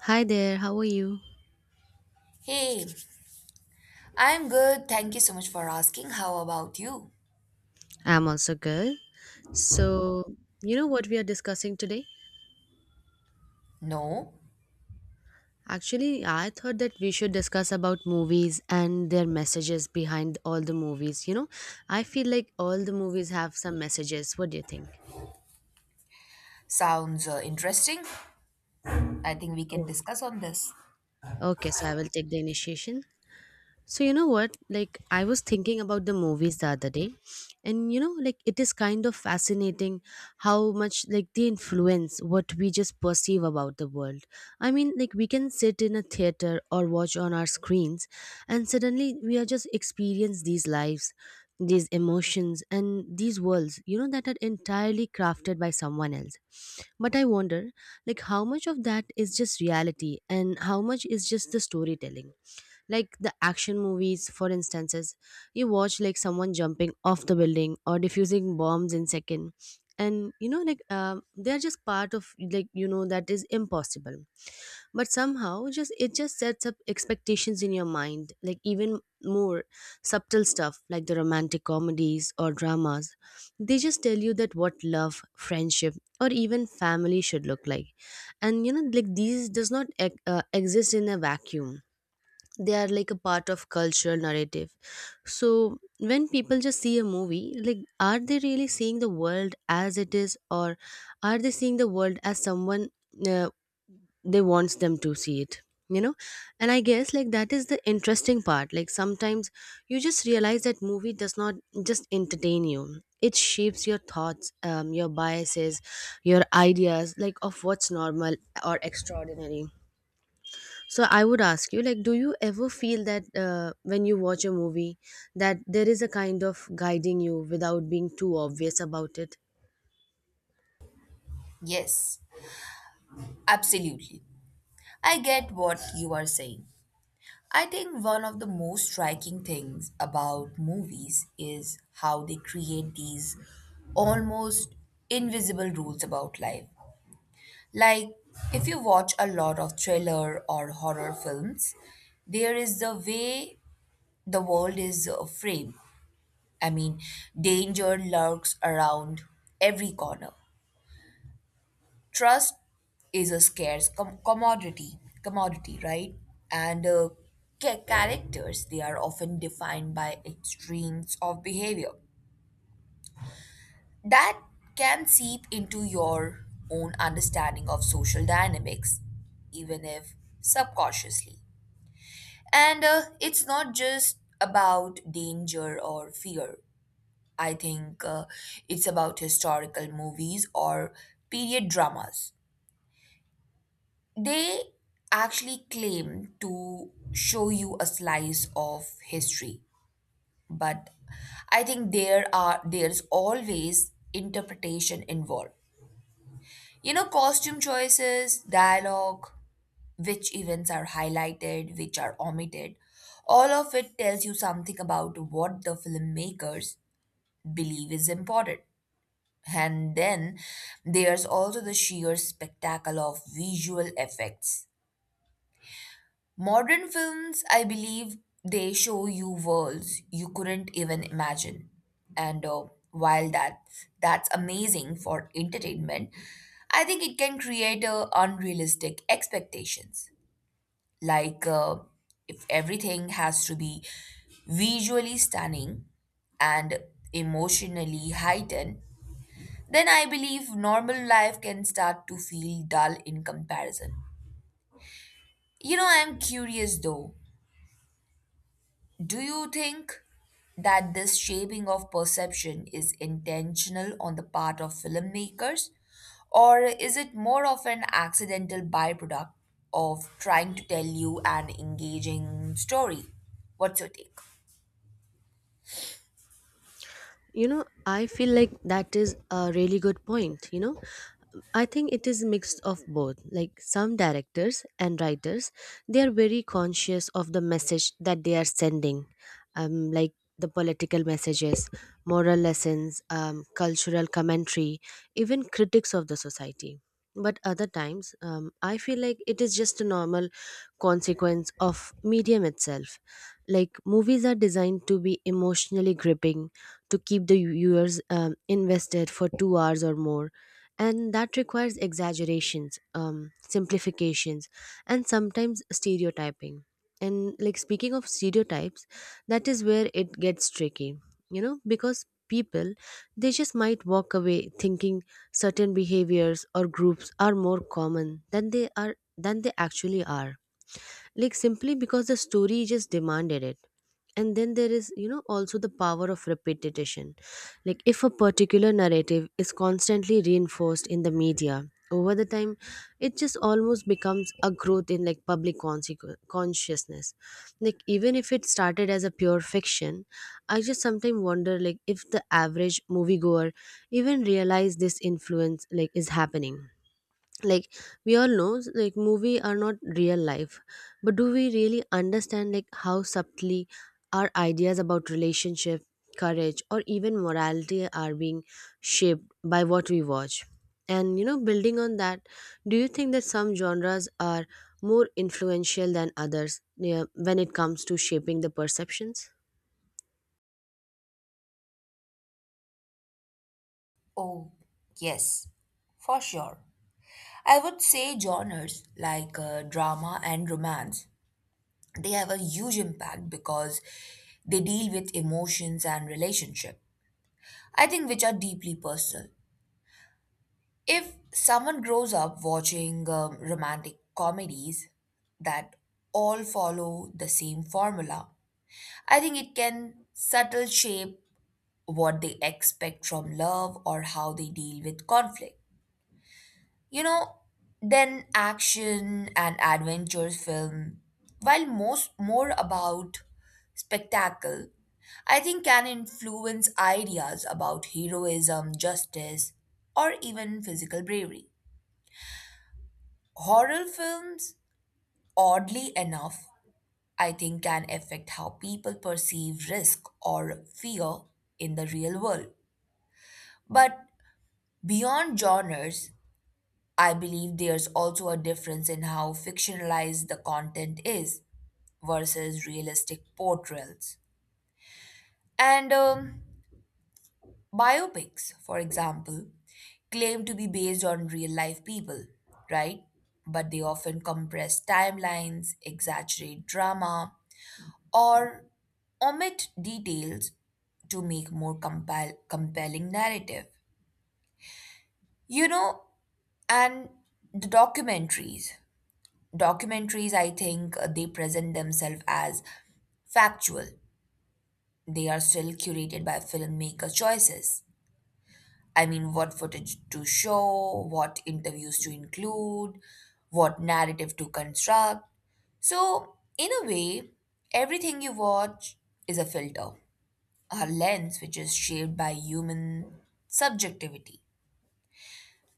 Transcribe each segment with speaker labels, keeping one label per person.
Speaker 1: Hi there, how are you?
Speaker 2: Hey, I'm good. Thank you so much for asking. How about you?
Speaker 1: I'm also good. So, you know what we are discussing today?
Speaker 2: No?
Speaker 1: Actually, I thought that we should discuss about movies and their messages behind all the movies. You know, I feel like all the movies have some messages. What do you think?
Speaker 2: Sounds interesting. I think we can
Speaker 1: Oh,
Speaker 2: discuss on this.
Speaker 1: okay, so I will take the initiation. So you know what? Like I was thinking about the movies the other day, and you know, like it is kind of fascinating how much like they influence what we just perceive about the world. I mean, like we can sit in a theater or watch on our screens, and suddenly we are just experience these lives, these emotions, and these worlds. You know that are entirely crafted by someone else. But I wonder, like how much of that is just reality, and how much is just the storytelling like the action movies for instances you watch like someone jumping off the building or diffusing bombs in second and you know like they're just part of like you know that is impossible but somehow just it just sets up expectations in your mind like even more subtle stuff like the romantic comedies or dramas they just tell you that what love friendship or even family should look like and you know like these does not exist in a vacuum. They are like a part of cultural narrative, so when people just see a movie like are they really seeing the world as it is or are they seeing the world as someone uh, they wants them to see it, you know. And I guess like that is the interesting part. Like sometimes you just realize that movie does not just entertain you, it shapes your thoughts, your biases, your ideas like of what's normal or extraordinary. So I would ask you, like, do you ever feel that when you watch a movie, that there is a kind of guiding you without being too obvious about it?
Speaker 2: Yes, absolutely. I get what you are saying. I think one of the most striking things about movies is how they create these almost invisible rules about life. Like, if you watch a lot of thriller or horror films, there is the way the world is framed. I mean, danger lurks around every corner. Trust is a scarce commodity, right? And uh, Characters they are often defined by extremes of behavior that can seep into your own understanding of social dynamics, even if subconsciously. And It's not just about danger or fear. I think it's about historical movies or period dramas. They actually claim to show you a slice of history, but I think there's always interpretation involved. You know, costume choices, dialogue, which events are highlighted, which are omitted. All of it tells you something about what the filmmakers believe is important. And then there's also the sheer spectacle of visual effects. Modern films, I believe, they show you worlds you couldn't even imagine. And While that's amazing for entertainment, I think it can create unrealistic expectations. Like, if everything has to be visually stunning and emotionally heightened, then I believe normal life can start to feel dull in comparison. You know, I'm curious though. Do you think that this shaping of perception is intentional on the part of filmmakers? Or is it more of an accidental byproduct of trying to tell you an engaging story? What's your take?
Speaker 1: You know, I feel like that is a really good point, you know. I think it is mixed of both. Like some directors and writers, they are very conscious of the message that they are sending, like the political messages, moral lessons, cultural commentary, even critics of the society. But other times, I feel like it is just a normal consequence of medium itself. Like movies are designed to be emotionally gripping to keep the viewers invested for 2 hours or more. And that requires exaggerations, simplifications, and sometimes stereotyping. And like speaking of stereotypes, that is where it gets tricky, you know, because people they just might walk away thinking certain behaviors or groups are more common than they are than they actually are. Like simply because the story just demanded it. And then there is, you know, also the power of repetition. Like if a particular narrative is constantly reinforced in the media over the time, it just almost becomes a growth in like public consciousness, like even if it started as a pure fiction. I just sometimes wonder like if the average moviegoer even realize this influence like is happening. Like we all know like movie are not real life, but do we really understand like how subtly our ideas about relationship, courage, or even morality are being shaped by what we watch. And you know building on that, do you think that some genres are more influential than others, yeah, when it comes to shaping the perceptions?
Speaker 2: Oh, yes, for sure. I would say genres like drama and romance, they have a huge impact because they deal with emotions and relationship, I think, which are deeply personal. If someone grows up watching romantic comedies that all follow the same formula, I think it can subtle shape what they expect from love or how they deal with conflict. You know, then action and adventure film, while most more about spectacle, I think can influence ideas about heroism, justice, or even physical bravery. Horror films, oddly enough, I think can affect how people perceive risk or fear in the real world. But beyond genres, I believe there's also a difference in how fictionalized the content is versus realistic portrayals. And Biopics, for example, claim to be based on real life people, right? But they often compress timelines, exaggerate drama, or omit details to make more compelling narrative. You know, and the documentaries. Documentaries, I think, they present themselves as factual. They are still curated by filmmaker choices. I mean, what footage to show, what interviews to include, what narrative to construct. So, in a way, everything you watch is a filter, a lens which is shaped by human subjectivity.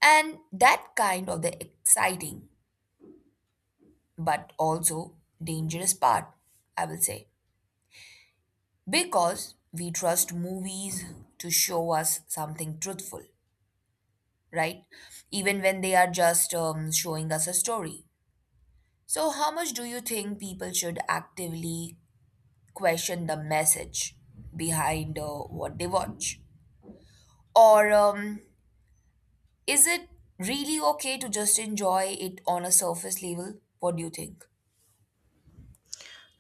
Speaker 2: And that kind of the exciting but also dangerous part, I will say. Because we trust movies to show us something truthful, right? Even when they are just showing us a story. So, how much do you think people should actively question the message behind what they watch? Or is it really okay to just enjoy it on a surface level? What do you think?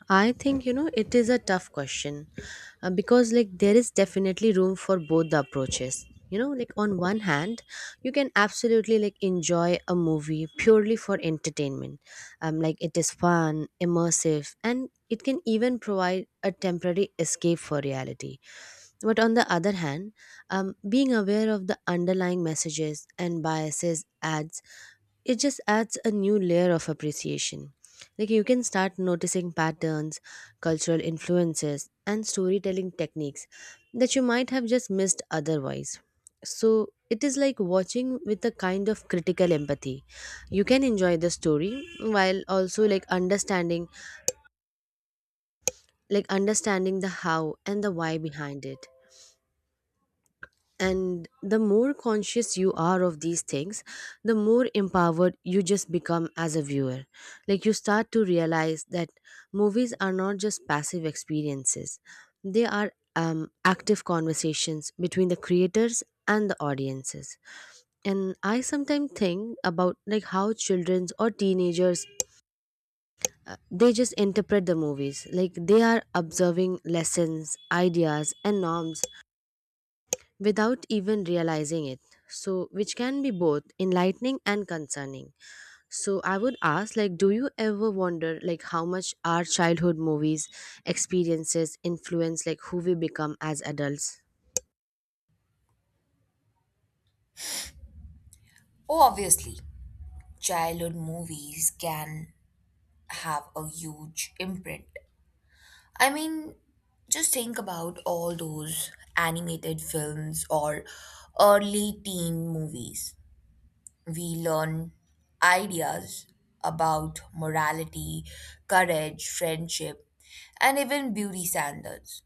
Speaker 1: I think you know it is a tough question, because like there is definitely room for both the approaches. You know, like on one hand, you can absolutely like enjoy a movie purely for entertainment. Like it is fun, immersive, and it can even provide a temporary escape for reality. But on the other hand, being aware of the underlying messages and biases adds it just adds a new layer of appreciation. Like you can start noticing patterns, cultural influences, and storytelling techniques that you might have just missed otherwise. So it is like watching with a kind of critical empathy. You can enjoy the story while also like understanding the how and the why behind it. And the more conscious you are of these things, the more empowered you just become as a viewer. Like you start to realize that movies are not just passive experiences, they are active conversations between the creators and the audiences. And I sometimes think about like how children's or teenagers they just interpret the movies like they are observing lessons, ideas, and norms without even realizing it. So which can be both enlightening and concerning. So I would ask, like do you ever wonder like how much our childhood movies experiences influence like who we become as adults?
Speaker 2: Oh, obviously, childhood movies can have a huge imprint. I mean, just think about all those animated films or early teen movies. We learn ideas about morality, courage, friendship, and even beauty standards.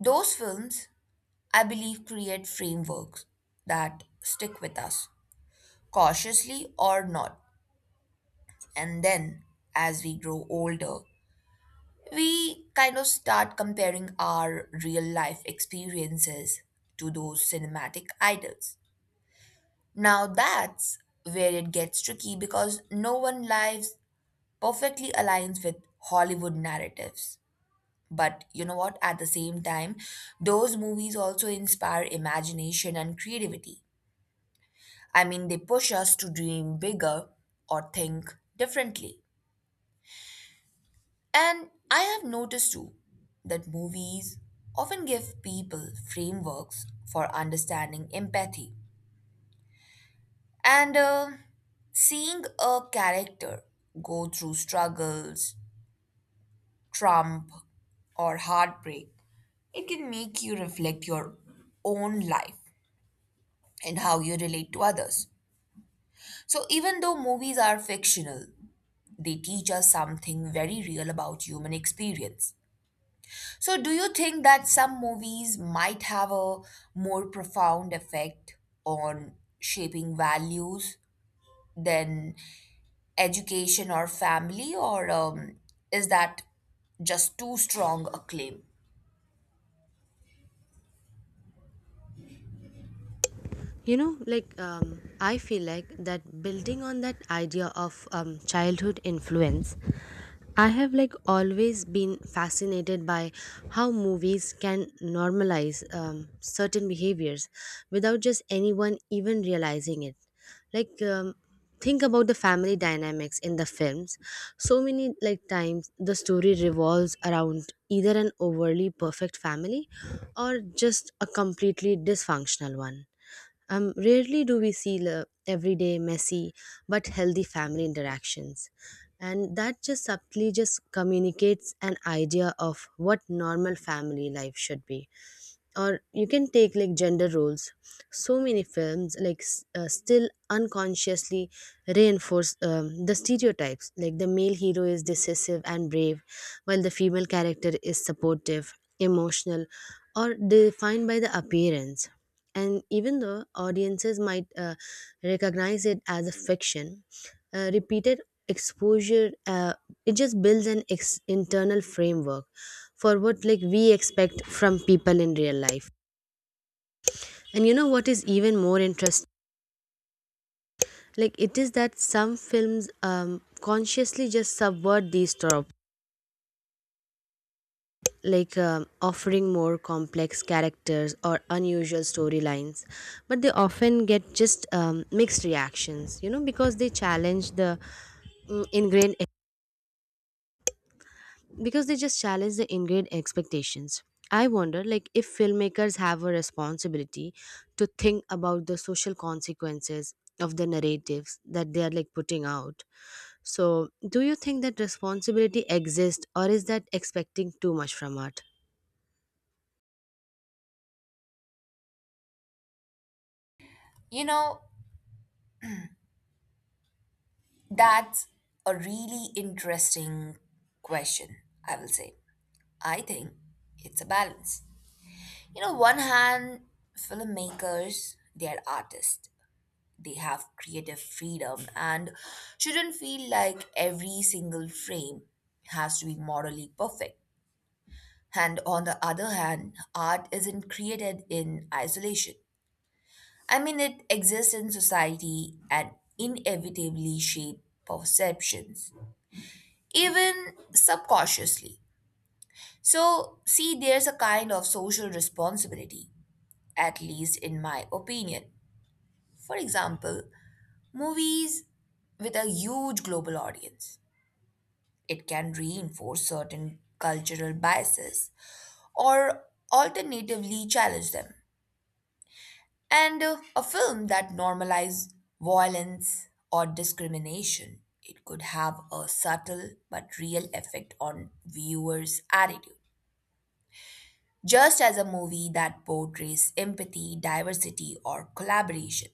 Speaker 2: Those films, I believe, create frameworks that stick with us, cautiously or not. And then, as we grow older, we kind of start comparing our real life experiences to those cinematic idols. Now that's where it gets tricky because no one lives perfectly aligns with Hollywood narratives. But you know what? At the same time, those movies also inspire imagination and creativity. I mean, they push us to dream bigger or think differently. And I have noticed too that movies often give people frameworks for understanding empathy. And Seeing a character go through struggles, trump, or heartbreak, it can make you reflect your own life and how you relate to others. So, even though movies are fictional, they teach us something very real about human experience. So, do you think that some movies might have a more profound effect on shaping values than education or family, or is that just too strong a claim?
Speaker 1: You know like I feel like that building on that idea of childhood influence, I have like always been fascinated by how movies can normalize certain behaviors without just anyone even realizing it. Like think about the family dynamics in the films. So many like times the story revolves around either an overly perfect family or just a completely dysfunctional one. Rarely do we see the everyday messy but healthy family interactions, and that just subtly just communicates an idea of what normal family life should be. Or you can take like gender roles. So many films like still unconsciously reinforce the stereotypes. Like the male hero is decisive and brave, while the female character is supportive, emotional, or defined by the appearance. And even though audiences might recognize it as a fiction, repeated exposure, it just builds an internal framework for what like we expect from people in real life. And you know what is even more interesting, like it is that some films consciously just subvert these tropes, like offering more complex characters or unusual storylines, but they often get just mixed reactions, you know, because they challenge the mm, ingrained because they just challenge the ingrained expectations. I wonder like if filmmakers have a responsibility to think about the social consequences of the narratives that they are like putting out. So do you think that responsibility exists, or is that expecting too much from art?
Speaker 2: You know, that's a really interesting question, I will say. I think it's a balance. You know, one hand, filmmakers, they are artists, they have creative freedom and shouldn't feel like every single frame has to be morally perfect. And on the other hand, art isn't created in isolation. I mean, it exists in society and inevitably shapes perceptions, even subconsciously. So, see, there's a kind of social responsibility, at least in my opinion. For example, movies with a huge global audience, it can reinforce certain cultural biases or alternatively challenge them. And A film that normalizes violence or discrimination, it could have a subtle but real effect on viewers' attitude. Just as a movie that portrays empathy, diversity, or collaboration,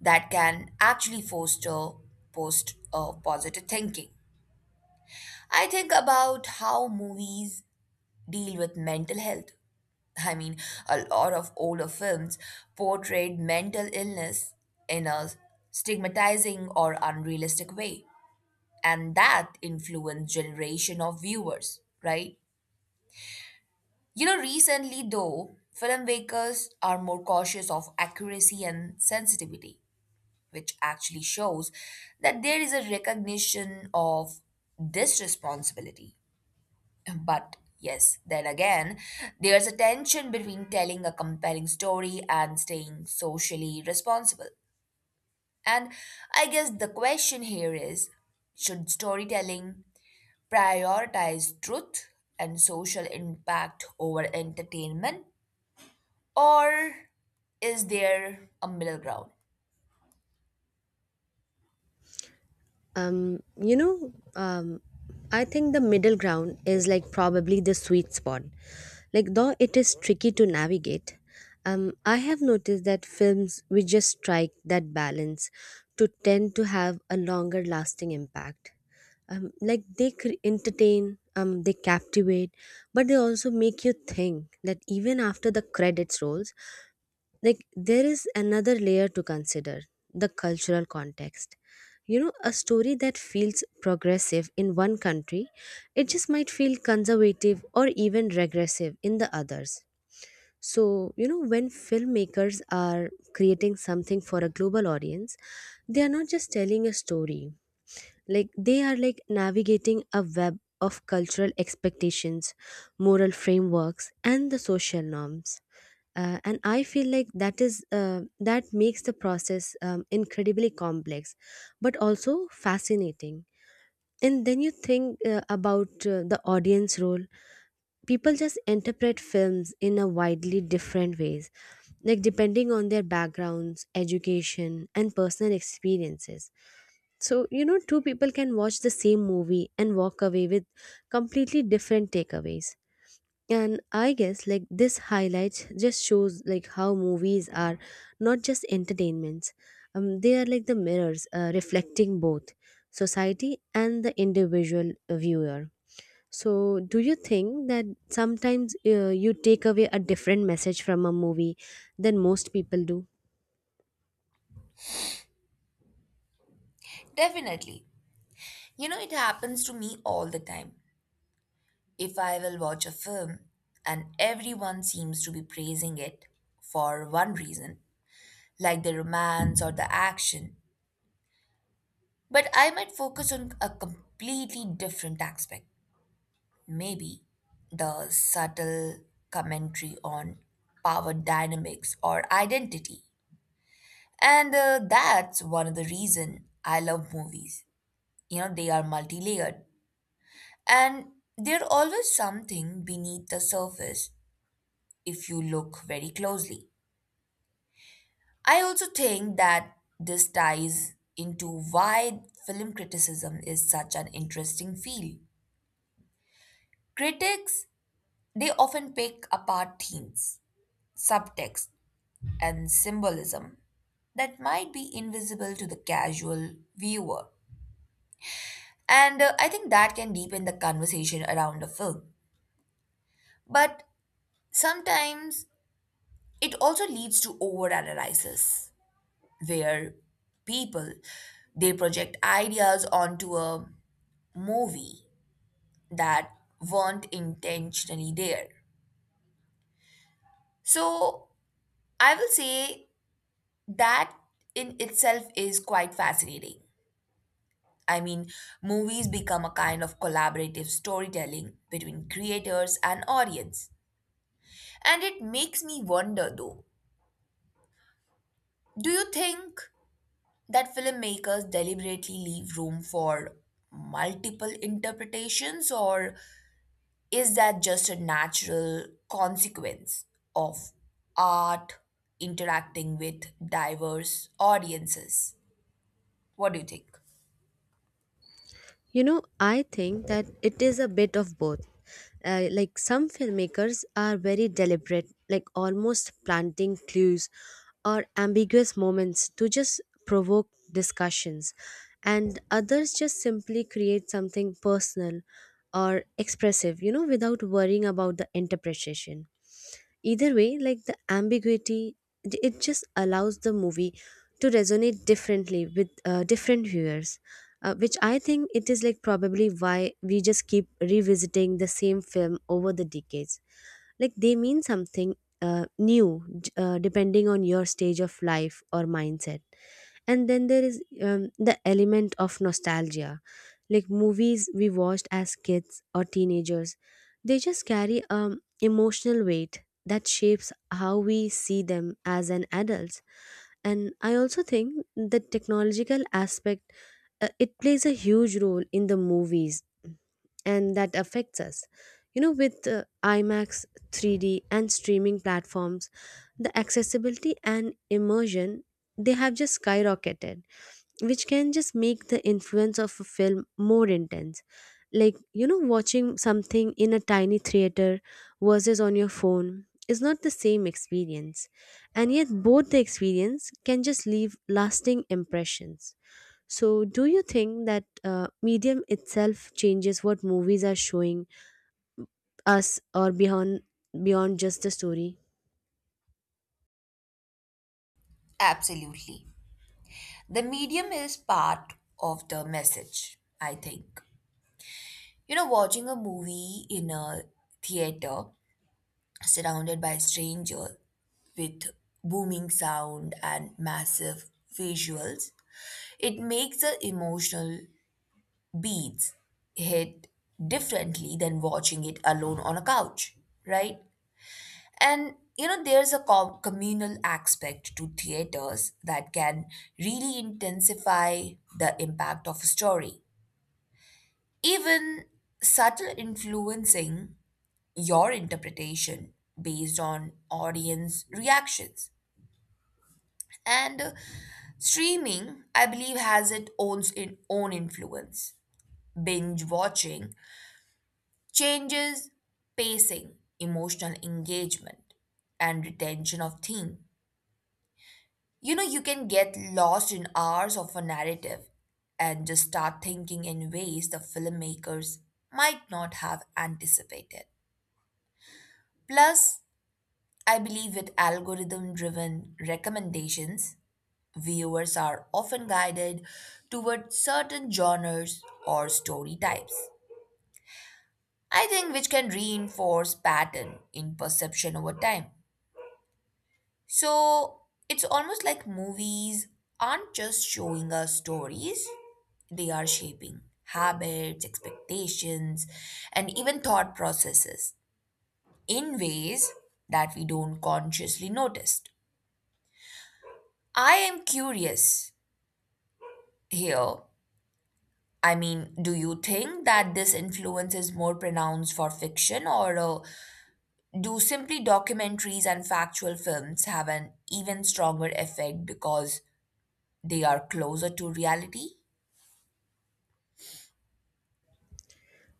Speaker 2: that can actually foster post positive thinking. I think about how movies deal with mental health. I mean, a lot of older films portrayed mental illness in a stigmatizing or unrealistic way, and that influenced generation of viewers, right? You know, recently though, filmmakers are more cautious of accuracy and sensitivity, which actually shows that there is a recognition of this responsibility. But yes, then again, there's a tension between telling a compelling story and staying socially responsible. And I guess the question here is, should storytelling prioritize truth and social impact over entertainment? Or is there a middle ground?
Speaker 1: Um, you know, um, I think the middle ground is like probably the sweet spot. Like, though it is tricky to navigate, I have noticed that films which just strike that balance to tend to have a longer lasting impact. Like, they entertain, they captivate, but they also make you think that even after the credits rolls, like there is another layer to consider the cultural context. You know, a story that feels progressive in one country, it just might feel conservative or even regressive in the others. So you know when filmmakers are creating something for a global audience, they are not just telling a story. Like they are like navigating a web of cultural expectations, moral frameworks, and the social norms. And I feel like that is that makes the process incredibly complex but also fascinating. And then you think about the audience role. People just interpret films in a widely different ways, like depending on their backgrounds, education, and personal experiences. So you know two people can watch the same movie and walk away with completely different takeaways. And I guess like this highlights just shows like how movies are not just entertainments, they are like the mirrors reflecting both society and the individual viewer. So do you think that sometimes you take away a different message from a movie than most people do?
Speaker 2: Definitely. You know, it happens to me all the time. If I will watch a film and everyone seems to be praising it for one reason, like the romance or the action, but I might focus on a completely different aspect. Maybe the subtle commentary on power dynamics or identity. And That's one of the reason I love movies. You know, they are multi-layered and there's always something beneath the surface if you look very closely. I also think that this ties into why film criticism is such an interesting field. Critics, they often pick apart themes, subtext, and symbolism that might be invisible to the casual viewer. And I think that can deepen the conversation around a film. But sometimes it also leads to overanalysis, where people they project ideas onto a movie that weren't intentionally there. So I will say that in itself is quite fascinating. I mean, movies become a kind of collaborative storytelling between creators and audience. And it makes me wonder though, do you think that filmmakers deliberately leave room for multiple interpretations, or is that just a natural consequence of art interacting with diverse audiences? What do you think?
Speaker 1: You know, I think that it is a bit of both. Like some filmmakers are very deliberate, like almost planting clues or ambiguous moments to just provoke discussions, and others just simply create something personal or expressive, you know, without worrying about the interpretation. Either way, like the ambiguity, it just allows the movie to resonate differently with different viewers. Which I think it is like probably why we just keep revisiting the same film over the decades. Like they mean something new, depending on your stage of life or mindset. And then there is the element of nostalgia. Like movies we watched as kids or teenagers, they just carry emotional weight that shapes how we see them as an adults. And I also think the technological aspect, it plays a huge role in the movies and that affects us. You know, with IMAX 3D and streaming platforms, the accessibility and immersion they have just skyrocketed, which can just make the influence of a film more intense. Like, you know, watching something in a tiny theater versus on your phone is not the same experience. And yet, both the experience can just leave lasting impressions. So, do you think that medium itself changes what movies are showing us, or beyond just the story?
Speaker 2: Absolutely. The medium is part of the message, I think. You know, watching a movie in a theater surrounded by strangers with booming sound and massive visuals, it makes the emotional beats hit differently than watching it alone on a couch, right? And you know, there's a communal aspect to theaters that can really intensify the impact of a story. Even subtle influencing your interpretation based on audience reactions. And Streaming, I believe, has its own influence. Binge watching changes, pacing, emotional engagement, and retention of theme. You know, you can get lost in hours of a narrative and just start thinking in ways the filmmakers might not have anticipated. Plus, I believe with algorithm driven recommendations, viewers are often guided toward certain genres or story types. I think which can reinforce pattern in perception over time. So it's almost like movies aren't just showing us stories, they are shaping habits, expectations, and even thought processes in ways that we don't consciously notice. I am curious here. I mean, do you think that this influence is more pronounced for fiction, or do simply documentaries and factual films have an even stronger effect because they are closer to reality?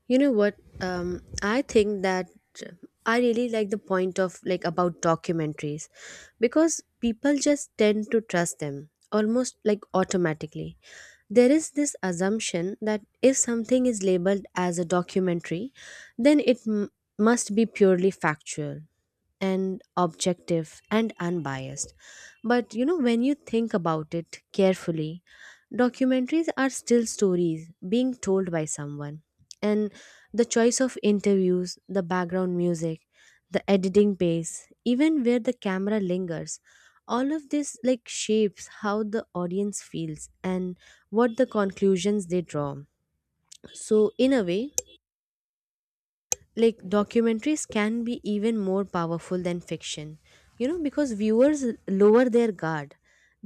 Speaker 1: You know what? I think that I really like the point of like about documentaries because people just tend to trust them almost like automatically. There is this assumption that if something is labeled as a documentary, then must be purely factual and objective and unbiased. But you know, when you think about it carefully, documentaries are still stories being told by someone, and the choice of interviews, the background music, the editing pace, even where the camera lingers, all of this like shapes how the audience feels and what the conclusions they draw. So, in a way, like documentaries can be even more powerful than fiction, you know, because viewers lower their guard,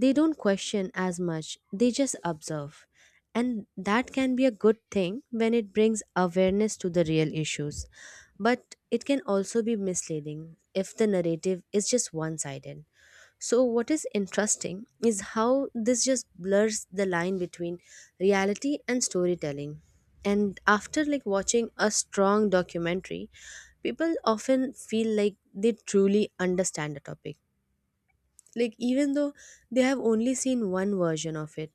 Speaker 1: they don't question as much, they just observe. And that can be a good thing when it brings awareness to the real issues, but it can also be misleading if the narrative is just one sided. So, what is interesting is how this just blurs the line between reality and storytelling. And after like watching a strong documentary, people often feel like they truly understand the topic. Like even though they have only seen one version of it.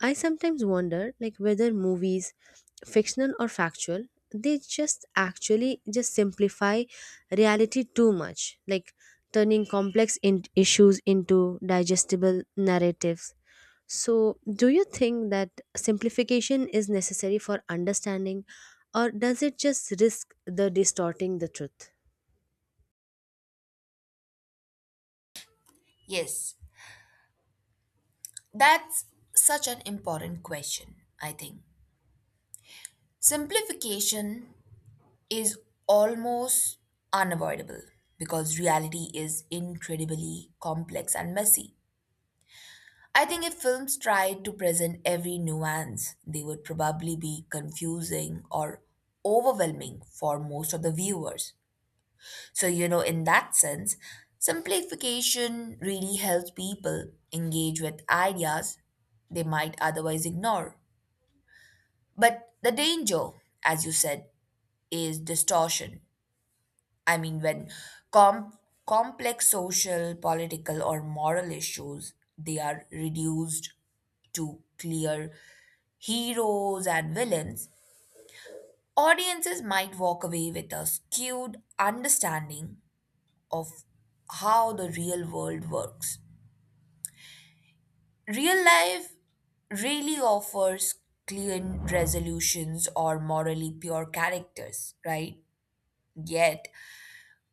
Speaker 1: I sometimes wonder like whether movies, fictional or factual, they just actually just simplify reality too much, like turning issues into digestible narratives. So do you think that simplification is necessary for understanding, or does it just risk the distorting the truth?
Speaker 2: Yes, that's such an important question, I think. Simplification is almost unavoidable because reality is incredibly complex and messy. I think if films tried to present every nuance, they would probably be confusing or overwhelming for most of the viewers. So, you know, in that sense, simplification really helps people engage with ideas they might otherwise ignore. But the danger, as you said, is distortion. I mean, when com- complex social, political, or moral issues they are reduced to clear heroes and villains, audiences might walk away with a skewed understanding of how the real world works. Real life really offers clean resolutions or morally pure characters, right? Yet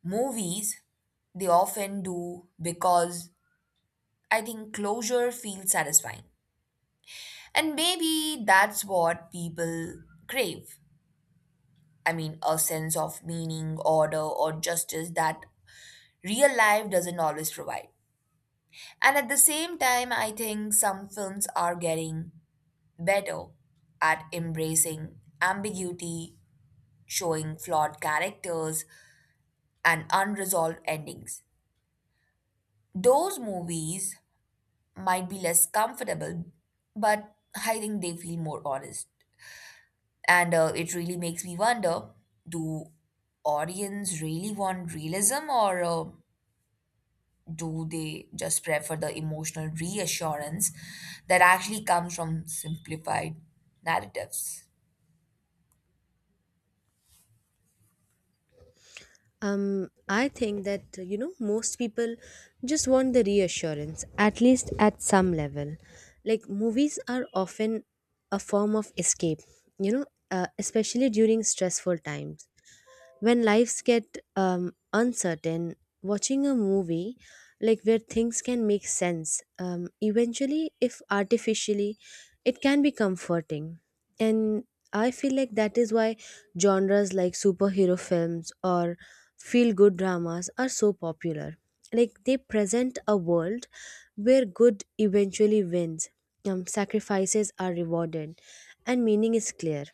Speaker 2: movies they often do because I think closure feels satisfying. And maybe that's what people crave. I mean, a sense of meaning, order, or justice that real life doesn't always provide. And at the same time, I think some films are getting better at embracing ambiguity, showing flawed characters, and unresolved endings. Those movies might be less comfortable, but I think they feel more honest. And It really makes me wonder, do audience really want realism, or do they just prefer the emotional reassurance that actually comes from simplified narratives?
Speaker 1: I think that you know most people just want the reassurance, at least at some level. Like movies are often a form of escape, you know, especially during stressful times when lives get uncertain. Watching a movie like where things can make sense, eventually if artificially, it can be comforting. And I feel like that is why genres like superhero films or feel good dramas are so popular, like they present a world where good eventually wins, sacrifices are rewarded, and meaning is clear.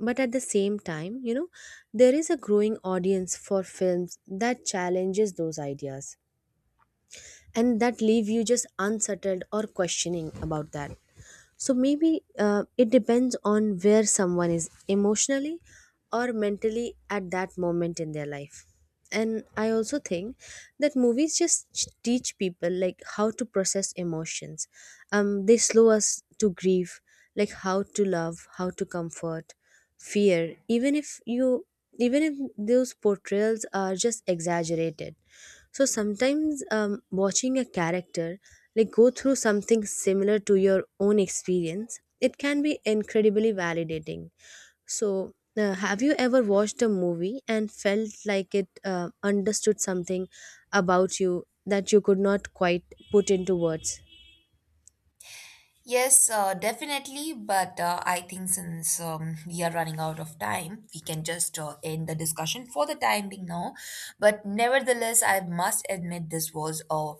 Speaker 1: But at the same time, you know, there is a growing audience for films that challenges those ideas and that leave you just unsettled or questioning about that. So maybe it depends on where someone is emotionally or mentally at that moment in their life. And I also think that movies teach people like how to process emotions. They slow us to grieve, like how to love, how to comfort fear, even if those portrayals are just exaggerated. So sometimes, watching a character like go through something similar to your own experience, it can be incredibly validating. So have you ever watched a movie and felt like it understood something about you that you could not quite put into words?
Speaker 2: Yes, definitely. But I think since we are running out of time, we can just end the discussion for the time being now. But nevertheless, I must admit this was a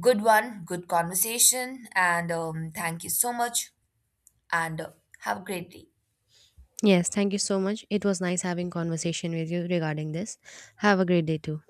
Speaker 2: Good conversation, and thank you so much, and have a great day.
Speaker 1: Yes, thank you so much. It was nice having conversation with you regarding this. Have a great day too.